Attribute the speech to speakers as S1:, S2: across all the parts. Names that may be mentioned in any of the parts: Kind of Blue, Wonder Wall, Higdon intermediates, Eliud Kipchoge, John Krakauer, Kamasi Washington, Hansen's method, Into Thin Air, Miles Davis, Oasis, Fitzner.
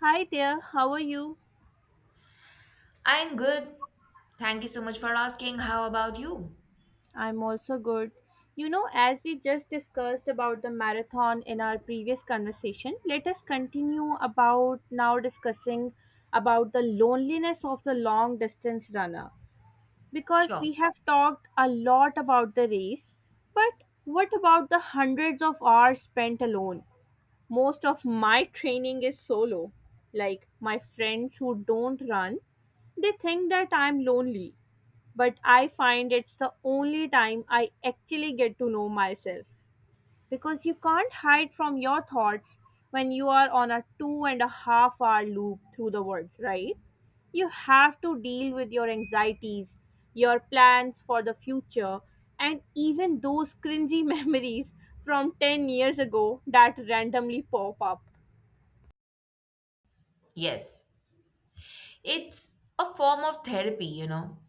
S1: Hi there, how are you?
S2: I'm good. Thank you so much for asking. How about you?
S1: I'm also good. You know, as we just discussed about the marathon in our previous conversation, let us continue about now discussing about the loneliness of the long distance runner because
S2: Sure.
S1: we have talked a lot about the race, but what about the hundreds of hours spent alone? Most of my training is solo. Like my friends who don't run, they think that I'm lonely but I find it's the only time I actually get to know myself. Because you can't hide from your thoughts when you are on a 2.5 hour loop through the words, right? You have to deal with your anxieties, your plans for the future, and even those cringy memories from 10 years ago that randomly pop up.
S2: Yes. It's a form of therapy,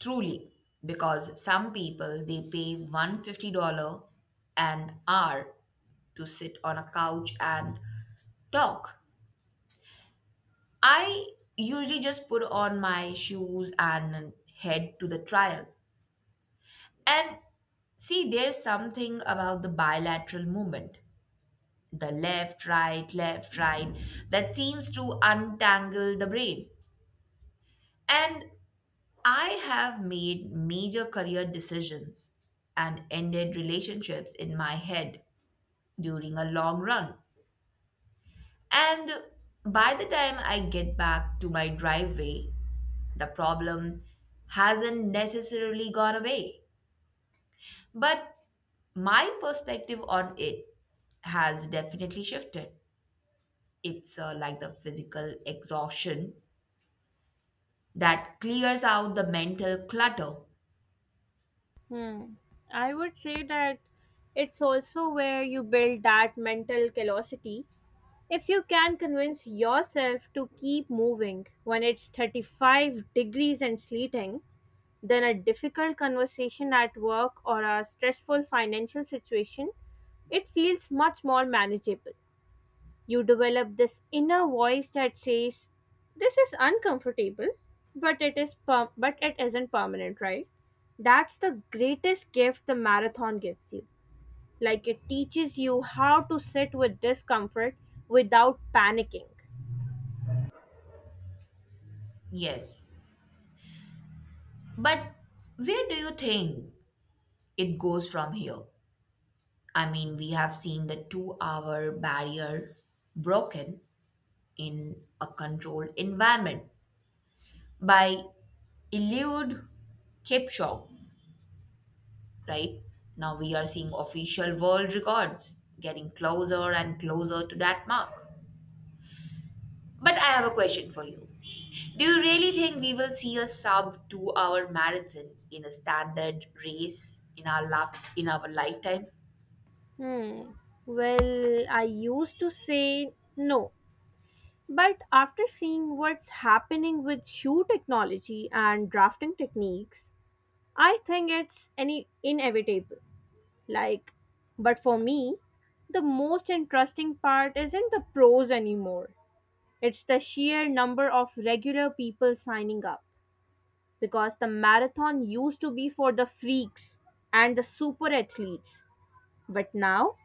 S2: truly. Because some people they pay $150 an hour to sit on a couch and talk. I usually just put on my shoes and head to the trial. And see, there's something about the bilateral movement, the left, right, that seems to untangle the brain. And I have made major career decisions and ended relationships in my head during a long run. And by the time I get back to my driveway, the problem hasn't necessarily gone away. But my perspective on it has definitely shifted. It's like the physical exhaustion that clears out the mental clutter.
S1: Hmm. I would say that it's also where you build that mental callosity. If you can convince yourself to keep moving when it's 35 degrees and sleeting, then a difficult conversation at work or a stressful financial situation, it feels much more manageable. You develop this inner voice that says, "This is uncomfortable, but it isn't permanent, right?" That's the greatest gift the marathon gives you. Like it teaches you how to sit with discomfort without panicking.
S2: Yes. But where do you think it goes from here? I mean, we have seen the 2-hour barrier broken in a controlled environment by Eliud Kipchoge, right? Now we are seeing official world records getting closer and closer to that mark. But I have a question for you. Do you really think we will see a sub 2-hour marathon in a standard race in our lifetime?
S1: Hmm. Well, I used to say no. But after seeing what's happening with shoe technology and drafting techniques, I think it's any inevitable. Like, but for me, the most interesting part isn't the pros anymore. It's the sheer number of regular people signing up because the marathon used to be for the freaks and the super athletes. But now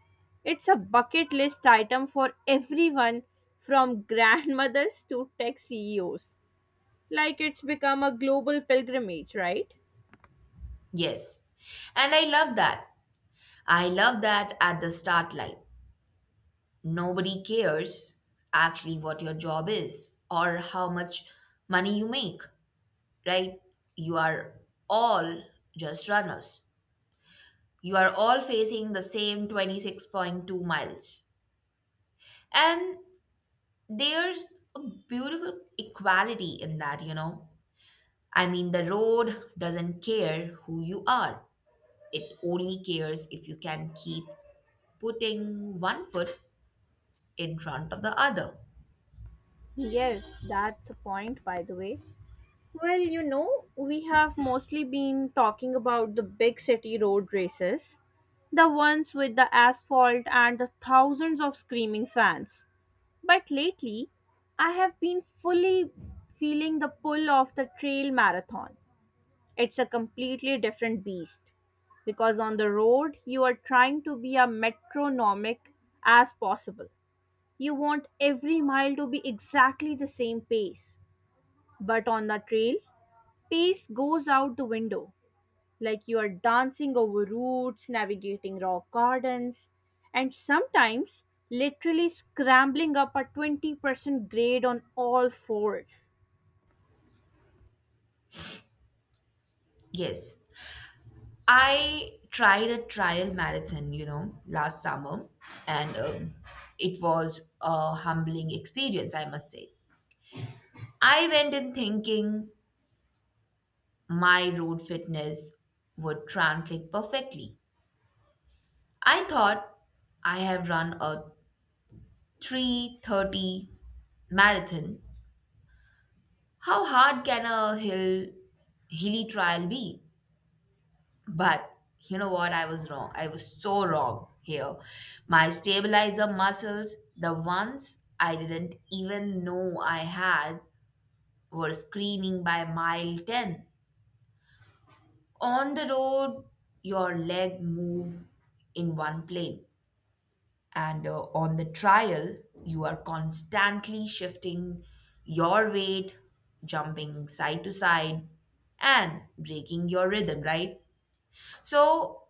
S1: it's a bucket list item for everyone from grandmothers to tech CEOs. Like it's become a global pilgrimage, right?
S2: Yes. And I love that. I love that at the start line. Nobody cares actually what your job is or how much money you make, right? You are all just runners. You are all facing the same 26.2 miles. And there's a beautiful equality in that, I mean, the road doesn't care who you are. It only cares if you can keep putting one foot in front of the other.
S1: Yes, that's a point, by the way. Well, you know, we have mostly been talking about the big city road races, the ones with the asphalt and the thousands of screaming fans. But lately, I have been fully feeling the pull of the trail marathon. It's a completely different beast because on the road you are trying to be as metronomic as possible. You want every mile to be exactly the same pace. But on the trail, pace goes out the window like you are dancing over roots, navigating rock gardens, and sometimes literally scrambling up a 20% grade on all fours.
S2: Yes. I tried a trial marathon, last summer, and it was a humbling experience, I must say. I went in thinking my road fitness would translate perfectly. I thought I have run a 3:30 marathon. How hard can a hilly trial be? But you know what? I was wrong. I was so wrong here. My stabilizer muscles, the ones I didn't even know I had, were screaming by mile 10. On the road, your leg move in one plane. And on the trial, you are constantly shifting your weight, jumping side to side, and breaking your rhythm, right? So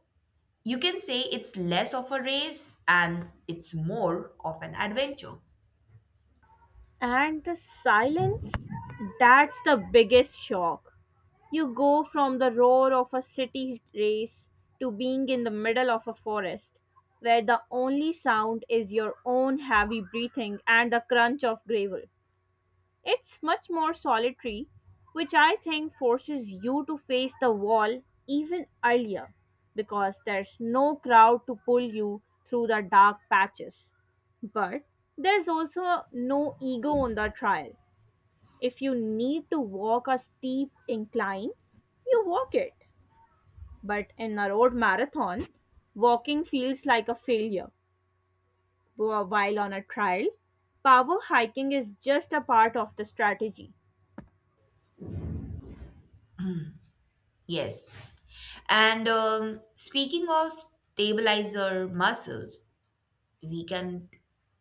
S2: you can say it's less of a race and it's more of an adventure.
S1: And the silence, that's the biggest shock. You go from the roar of a city race to being in the middle of a forest, where the only sound is your own heavy breathing and the crunch of gravel. It's much more solitary, which I think forces you to face the wall even earlier, because there's no crowd to pull you through the dark patches. But there's also no ego on the trial. If you need to walk a steep incline, you walk it. But in a road marathon, walking feels like a failure. While on a trail, power hiking is just a part of the strategy.
S2: Yes. And speaking of stabilizer muscles, we can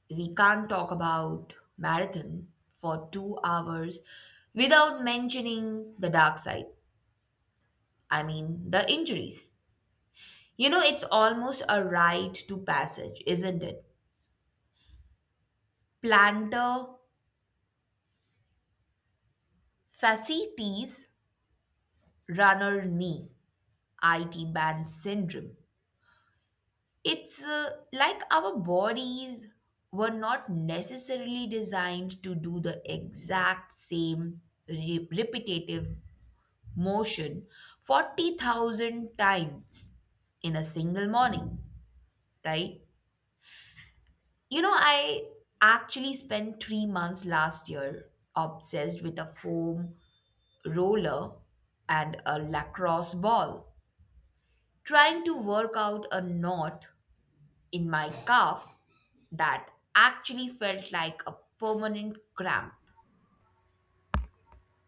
S2: we can't talk about marathon for 2 hours without mentioning the dark side. I mean, the injuries. You know, it's almost a rite to passage, isn't it? Plantar fasciitis, runner knee, IT band syndrome. It's like our bodies were not necessarily designed to do the exact same repetitive motion 40,000 times in a single morning, right? You know, I actually spent 3 months last year obsessed with a foam roller and a lacrosse ball, trying to work out a knot in my calf that actually felt like a permanent cramp.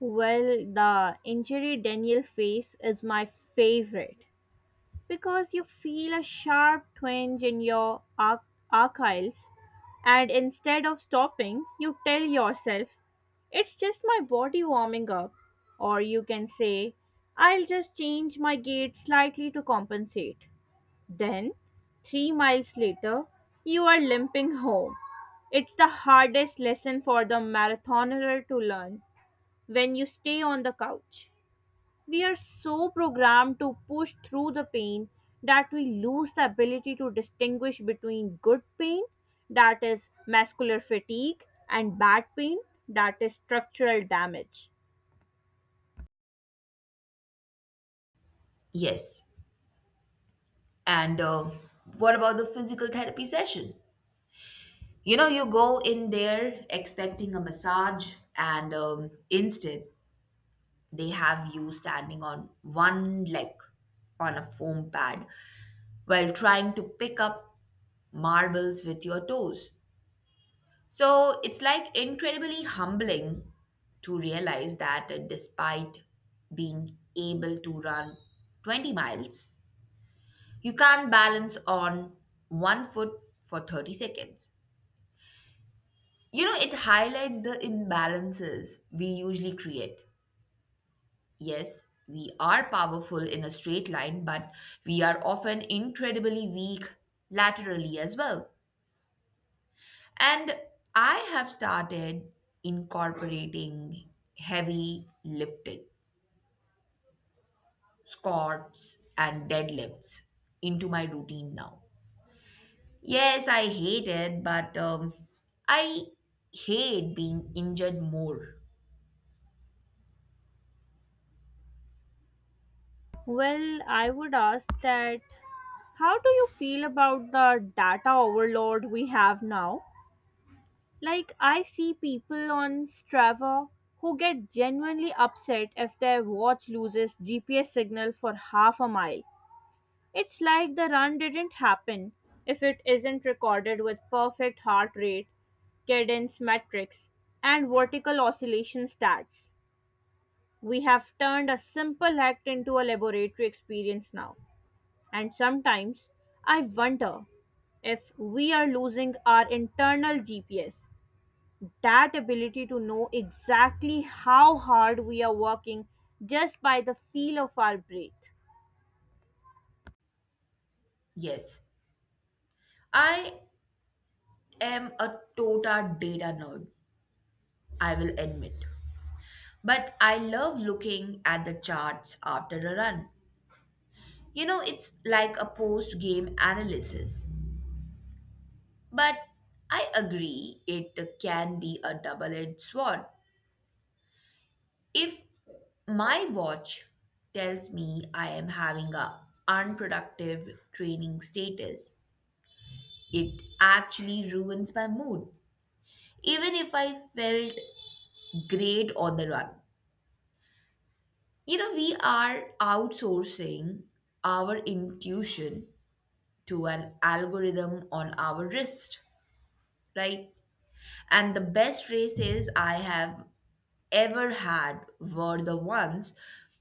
S1: Well, the injury Daniel face is my favorite, because you feel a sharp twinge in your archives, and instead of stopping, you tell yourself, "It's just my body warming up." Or you can say, "I'll just change my gait slightly to compensate." Then, 3 miles later, you are limping home. It's the hardest lesson for the marathoner to learn when you stay on the couch. We are so programmed to push through the pain that we lose the ability to distinguish between good pain, that is muscular fatigue, and bad pain, that is structural damage.
S2: Yes. And what about the physical therapy session? You know, you go in there expecting a massage, and instead, they have you standing on one leg on a foam pad while trying to pick up marbles with your toes. So it's like incredibly humbling to realize that despite being able to run 20 miles, you can't balance on one foot for 30 seconds. You know, it highlights the imbalances we usually create. Yes, we are powerful in a straight line, but we are often incredibly weak laterally as well. And I have started incorporating heavy lifting, squats, and deadlifts into my routine now. Yes, I hate it, but I hate being injured more.
S1: Well, I would ask that how do you feel about the data overload we have now? Like, I see people on Strava who get genuinely upset if their watch loses GPS signal for half a mile. It's like the run didn't happen if it isn't recorded with perfect heart rate, cadence metrics, and vertical oscillation stats. We have turned a simple act into a laboratory experience now. And sometimes I wonder if we are losing our internal GPS, that ability to know exactly how hard we are working just by the feel of our breath.
S2: Yes, I am a tota data nerd, I will admit. But I love looking at the charts after a run. You know, it's like a post game analysis. But I agree it can be a double edged sword. If my watch tells me I am having a unproductive training status, it actually ruins my mood. Even if I felt great on the run. You know, we are outsourcing our intuition to an algorithm on our wrist, right? And the best races I have ever had were the ones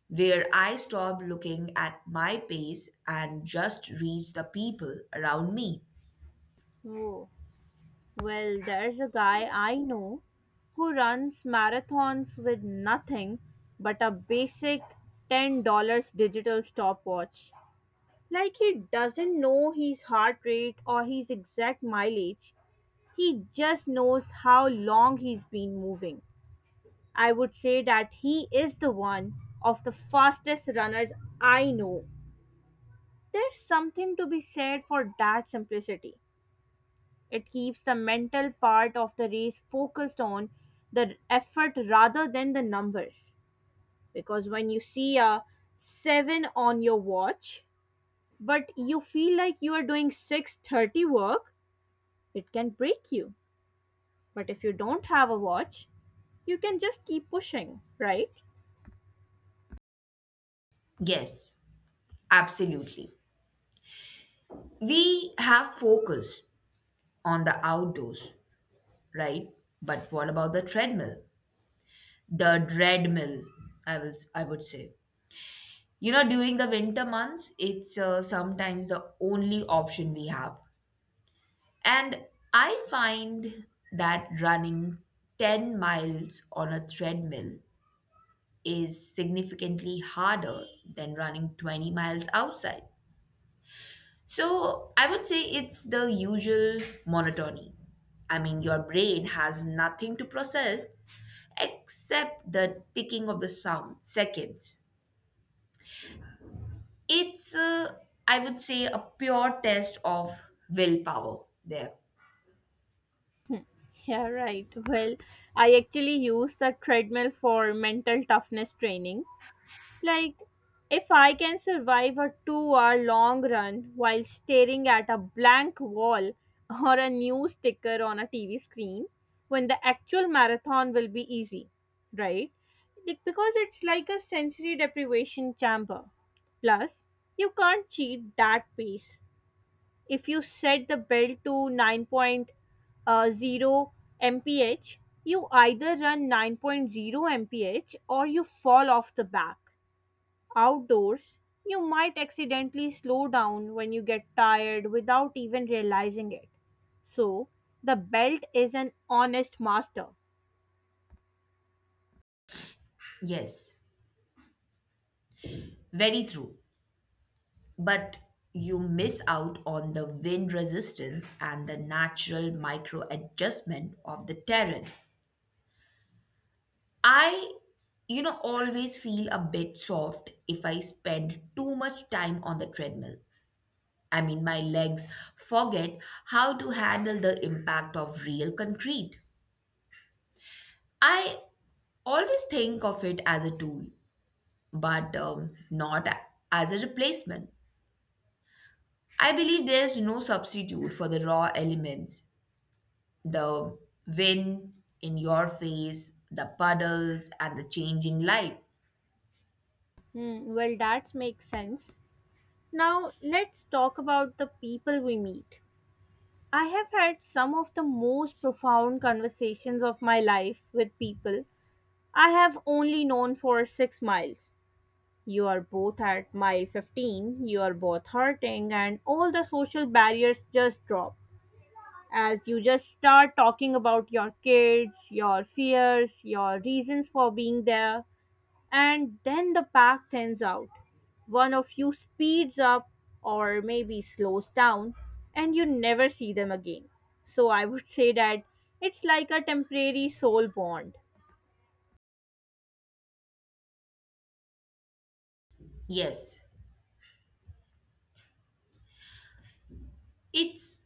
S2: where I stopped looking at my pace and just reached the people around me.
S1: Oh. Well, there's a guy I know who runs marathons with nothing but a basic $10 digital stopwatch. Like he doesn't know his heart rate or his exact mileage, he just knows how long he's been moving. I would say that he is the one of the fastest runners I know. There's something to be said for that simplicity. It keeps the mental part of the race focused on the effort rather than the numbers. Because when you see a 7 on your watch, but you feel like you are doing 6:30 work, it can break you. But if you don't have a watch, you can just keep pushing, right?
S2: Yes, absolutely. We have focus on the outdoors, right? But what about the treadmill? The dreadmill, I would say. You know, during the winter months, it's sometimes the only option we have. And I find that running 10 miles on a treadmill is significantly harder than running 20 miles outside. So I would say it's the usual monotony. I mean, your brain has nothing to process except the ticking of the sound, seconds. It's a, I would say, a pure test of willpower there.
S1: Yeah, right. Well, I actually use the treadmill for mental toughness training. Like, if I can survive a 2 hour long run while staring at a blank wall or a news sticker on a TV screen, when the actual marathon will be easy, right? Like, because it's like a sensory deprivation chamber. Plus, you can't cheat that pace. If you set the bell to 9.0 mph, you either run nine point zero mph or you fall off the back. Outdoors, you might accidentally slow down when you get tired without even realizing it. So, the belt is an honest master.
S2: Yes, very true. But you miss out on the wind resistance and the natural micro adjustment of the terrain. I always feel a bit soft if I spend too much time on the treadmill. I mean, my legs forget how to handle the impact of real concrete. I always think of it as a tool but not as a replacement. I believe there is no substitute for the raw elements, the wind in your face, the puddles, and the changing light.
S1: Hmm, well, that makes sense. Now, let's talk about the people we meet. I have had some of the most profound conversations of my life with people I have only known for 6 miles. You are both at mile 15, you are both hurting, and all the social barriers just drop, as you just start talking about your kids, your fears, your reasons for being there, and then the pack thins out. One of you speeds up or maybe slows down, and you never see them again. So I would say that it's like a temporary soul bond.
S2: Yes, it's,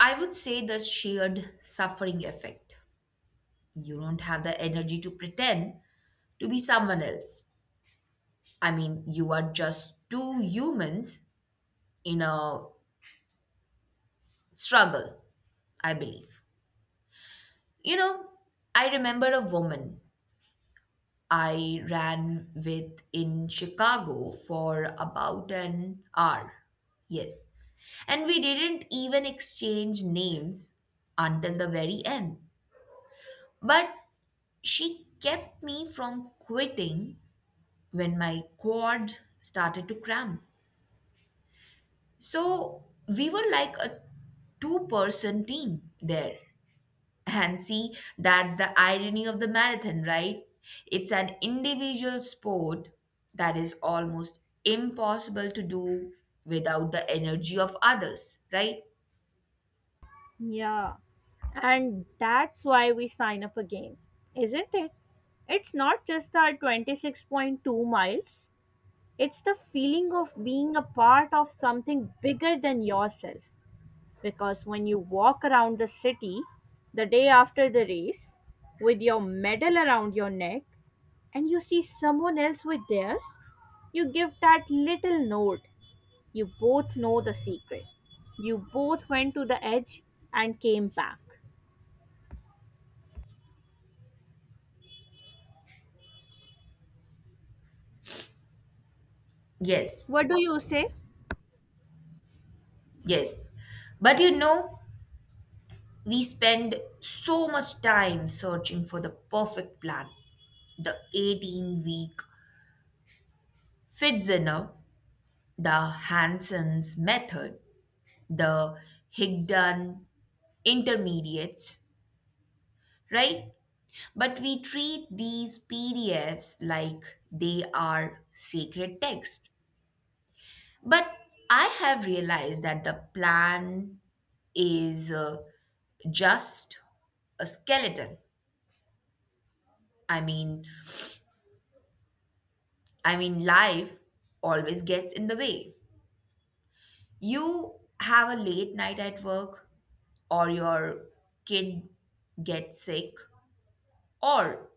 S2: I would say, the shared suffering effect. You don't have the energy to pretend to be someone else. I mean, you are just two humans in a struggle, I believe. You know, I remember a woman I ran with in Chicago for about an hour. Yes. And we didn't even exchange names until the very end. But she kept me from quitting when my quad started to cramp. So we were like a two-person team there. And see, that's the irony of the marathon, right? It's an individual sport that is almost impossible to do without the energy of others, right?
S1: Yeah. And that's why we sign up again, isn't it? It's not just our 26.2 miles, it's the feeling of being a part of something bigger than yourself. Because when you walk around the city the day after the race with your medal around your neck and you see someone else with theirs, you give that little nod. You both know the secret. You both went to the edge and came back.
S2: Yes,
S1: What do you say?
S2: yes. But you know, we spend so much time searching for the perfect plan. The 18-week Fitzner, the Hansen's method, the Higdon intermediates, right? But we treat these PDFs like they are sacred text. But I have realized that the plan is just a skeleton. I mean, I mean, life always gets in the way. You have a late night at work or your kid gets sick or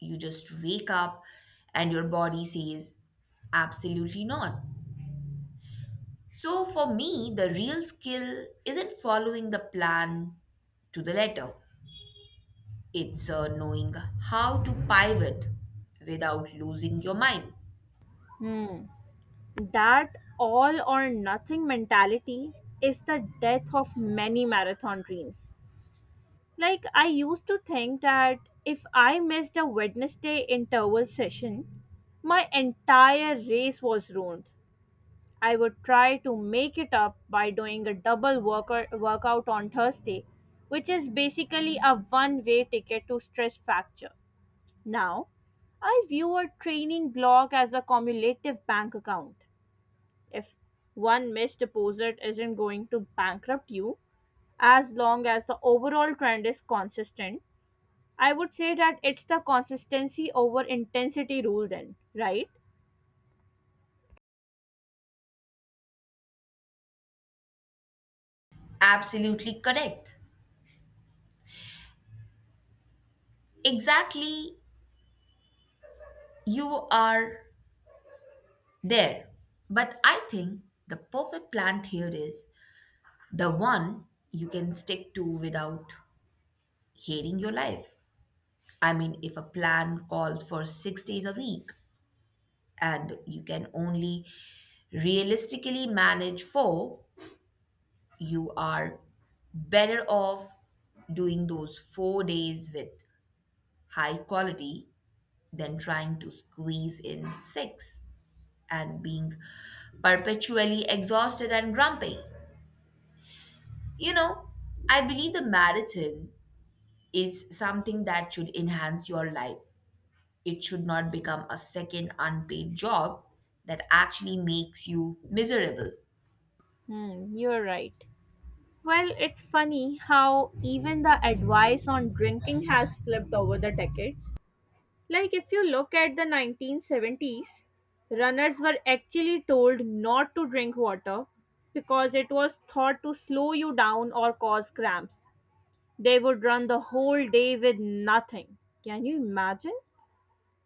S2: you just wake up and your body says absolutely not. So for me, the real skill isn't following the plan to the letter. It's knowing how to pivot without losing your mind.
S1: Hmm. That all or nothing mentality is the death of many marathon dreams. Like, I used to think that if I missed a Wednesday interval session, my entire race was ruined. I would try to make it up by doing a double workout on Thursday, which is basically a one way ticket to stress fracture. Now, I view a training block as a cumulative bank account. If one missed deposit isn't going to bankrupt you, as long as the overall trend is consistent, I would say that it's the consistency over intensity rule, then, right?
S2: Absolutely correct. Exactly, you are there. But I think the perfect plan here is the one you can stick to without hating your life. I mean, if a plan calls for 6 days a week, and you can only realistically manage four, you are better off doing those 4 days with high quality than trying to squeeze in six and being perpetually exhausted and grumpy. You know, I believe the marathon is something that should enhance your life. It should not become a second unpaid job that actually makes you miserable.
S1: Hmm, you're right. Well, it's funny how even the advice on drinking has flipped over the decades. Like, if you look at the 1970s, runners were actually told not to drink water because it was thought to slow you down or cause cramps. They would run the whole day with nothing. Can you imagine?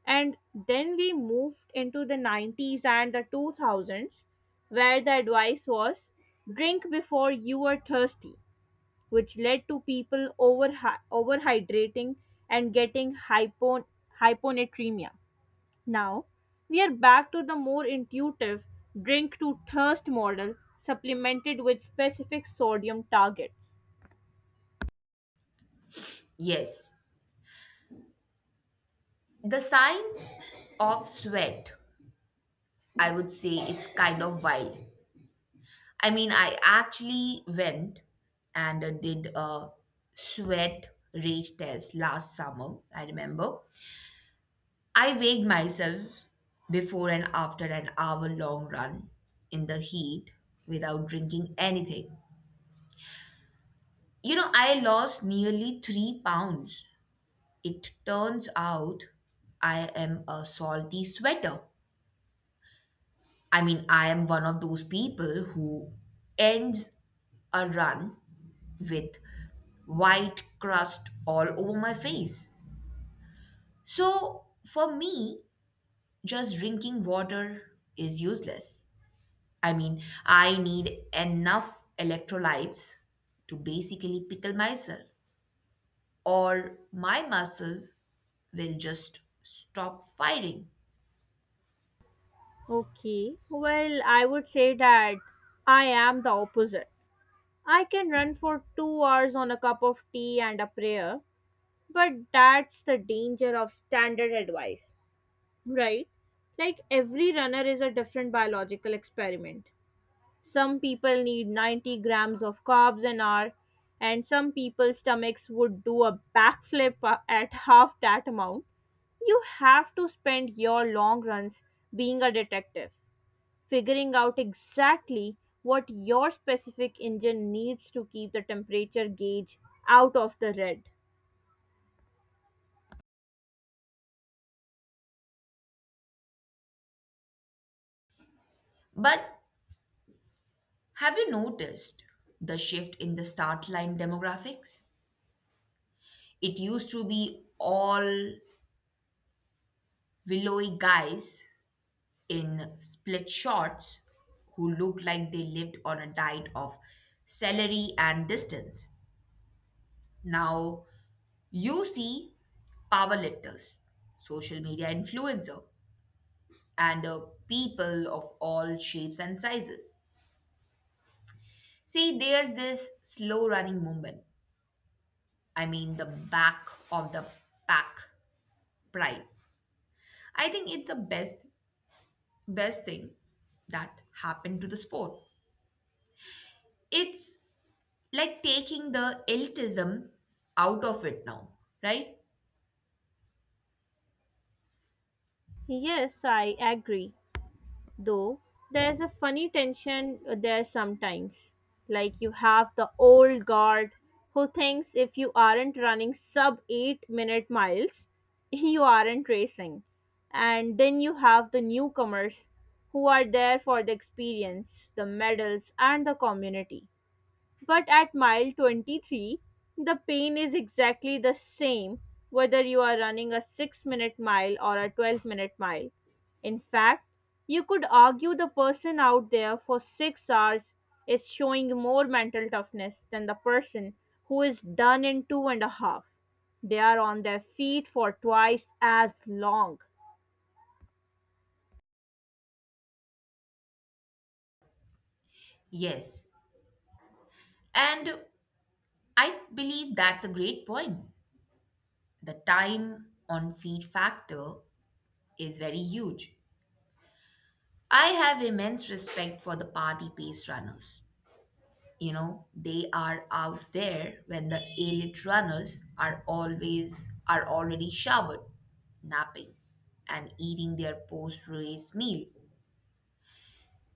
S1: And then we moved into the 90s and the 2000s, where the advice was drink before you are thirsty, which led to people overhydrating and getting hyponatremia. Now, we are back to the more intuitive drink to thirst model, supplemented with specific sodium targets.
S2: Yes, the science of sweat, I would say it's kind of wild. I mean, I actually went and did a sweat rate test last summer, I remember. I weighed myself before and after an hour long run in the heat without drinking anything. You know, I lost nearly 3 pounds. It turns out I am a salty sweater. I mean, I am one of those people who ends a run with white crust all over my face. So for me, just drinking water is useless. I mean, I need enough electrolytes to basically pickle myself, or my muscle will just stop firing.
S1: Okay, well, I would say that I am the opposite. I can run for 2 hours on a cup of tea and a prayer, but that's the danger of standard advice, right? Like every runner is a different biological experiment. Some people need 90 grams of carbs an hour, and some people's stomachs would do a backflip at half that amount. You have to spend your long runs being a detective figuring out exactly what your specific engine needs to keep the temperature gauge out of the red.
S2: But have you noticed the shift in the start line demographics? It used to be all willowy guys in split shorts who looked like they lived on a diet of celery and distance. Now you see powerlifters, social media influencer, and people of all shapes and sizes. See, there's this slow running movement. I mean, the back of the pack pride. I think it's the best thing that happened to the sport. It's like taking the elitism out of it now, right?
S1: Yes, I agree. Though there's a funny tension there sometimes. Like you have the old guard who thinks if you aren't running sub 8-minute miles, you aren't racing. And then you have the newcomers who are there for the experience, the medals, and the community. But at mile 23, the pain is exactly the same whether you are running a 6-minute mile or a 12-minute mile. In fact, you could argue the person out there for 6 hours is showing more mental toughness than the person who is done in two and a half. They are on their feet for twice as long.
S2: Yes. And I believe that's a great point. The time on feet factor is very huge. I have immense respect for the party pace runners. You know, they are out there when the elite runners are already showered, napping, and eating their post-race meal.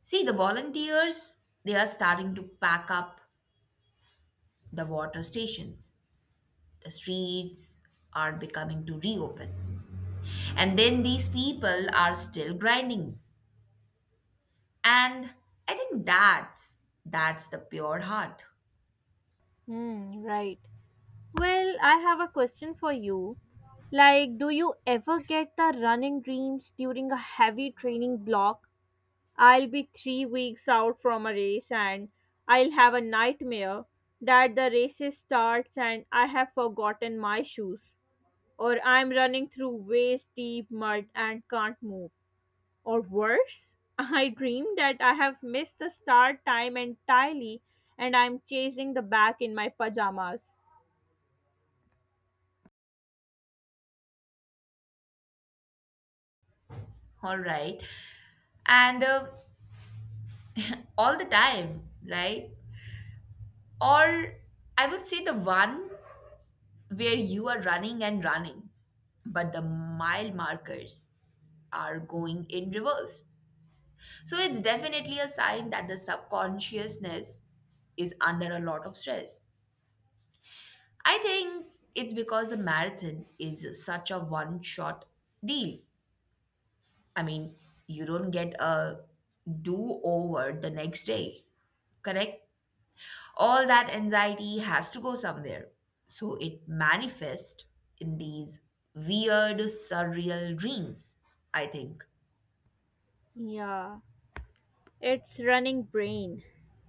S2: See, the volunteers, they are starting to pack up the water stations. The streets are becoming to reopen. And then these people are still grinding. And I think that's the pure heart.
S1: Hmm, right. Well, I have a question for you. Like, do you ever get the running dreams during a heavy training block? I'll be 3 weeks out from a race and I'll have a nightmare that the race starts and I have forgotten my shoes. Or I'm running through waist deep mud and can't move. Or worse, I dream that I have missed the start time entirely and I'm chasing the back in my pajamas.
S2: All right. And all the time, right? Or I would say the one where you are running and running, but the mile markers are going in reverse. So it's definitely a sign that the subconsciousness is under a lot of stress. I think it's because the marathon is such a one shot deal. I mean, you don't get a do over the next day, correct? All that anxiety has to go somewhere. So it manifests in these weird, surreal dreams, I think.
S1: Yeah. It's running brain.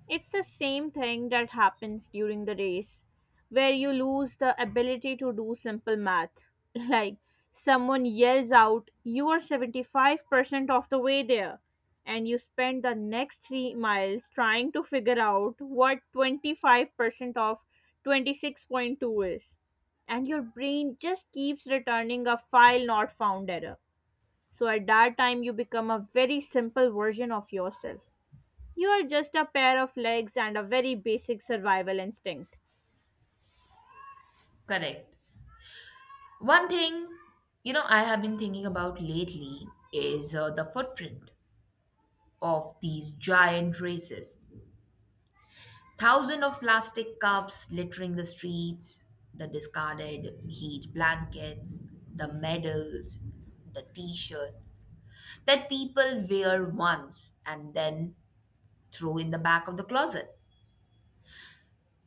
S1: It's the same thing that happens during the race, where you lose the ability to do simple math. Like someone yells out, "You are 75% of the way there," and you spend the next 3 miles trying to figure out what 25% of 26.2 is. And your brain just keeps returning a file not found error. So at that time, you become a very simple version of yourself. You are just a pair of legs and a very basic survival instinct.
S2: Correct. One thing, you know, I have been thinking about lately is the footprint of these giant races. Thousands of plastic cups littering the streets, the discarded heat blankets, the medals, the t shirt that people wear once and then throw in the back of the closet.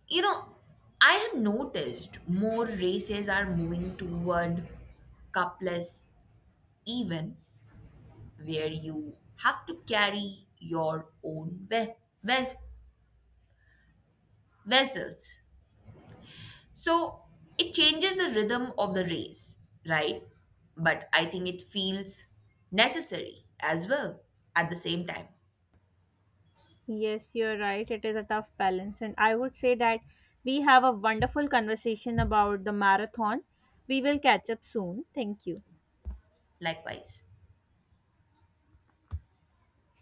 S2: You know, I have noticed more races are moving toward cupless even where you have to carry your own ves- vessels. So it changes the rhythm of the race, right? But I think it feels necessary as well at the same time.
S1: Yes, you're right. It is a tough balance. And I would say that we have a wonderful conversation about the marathon. We will catch up soon. Thank you.
S2: Likewise.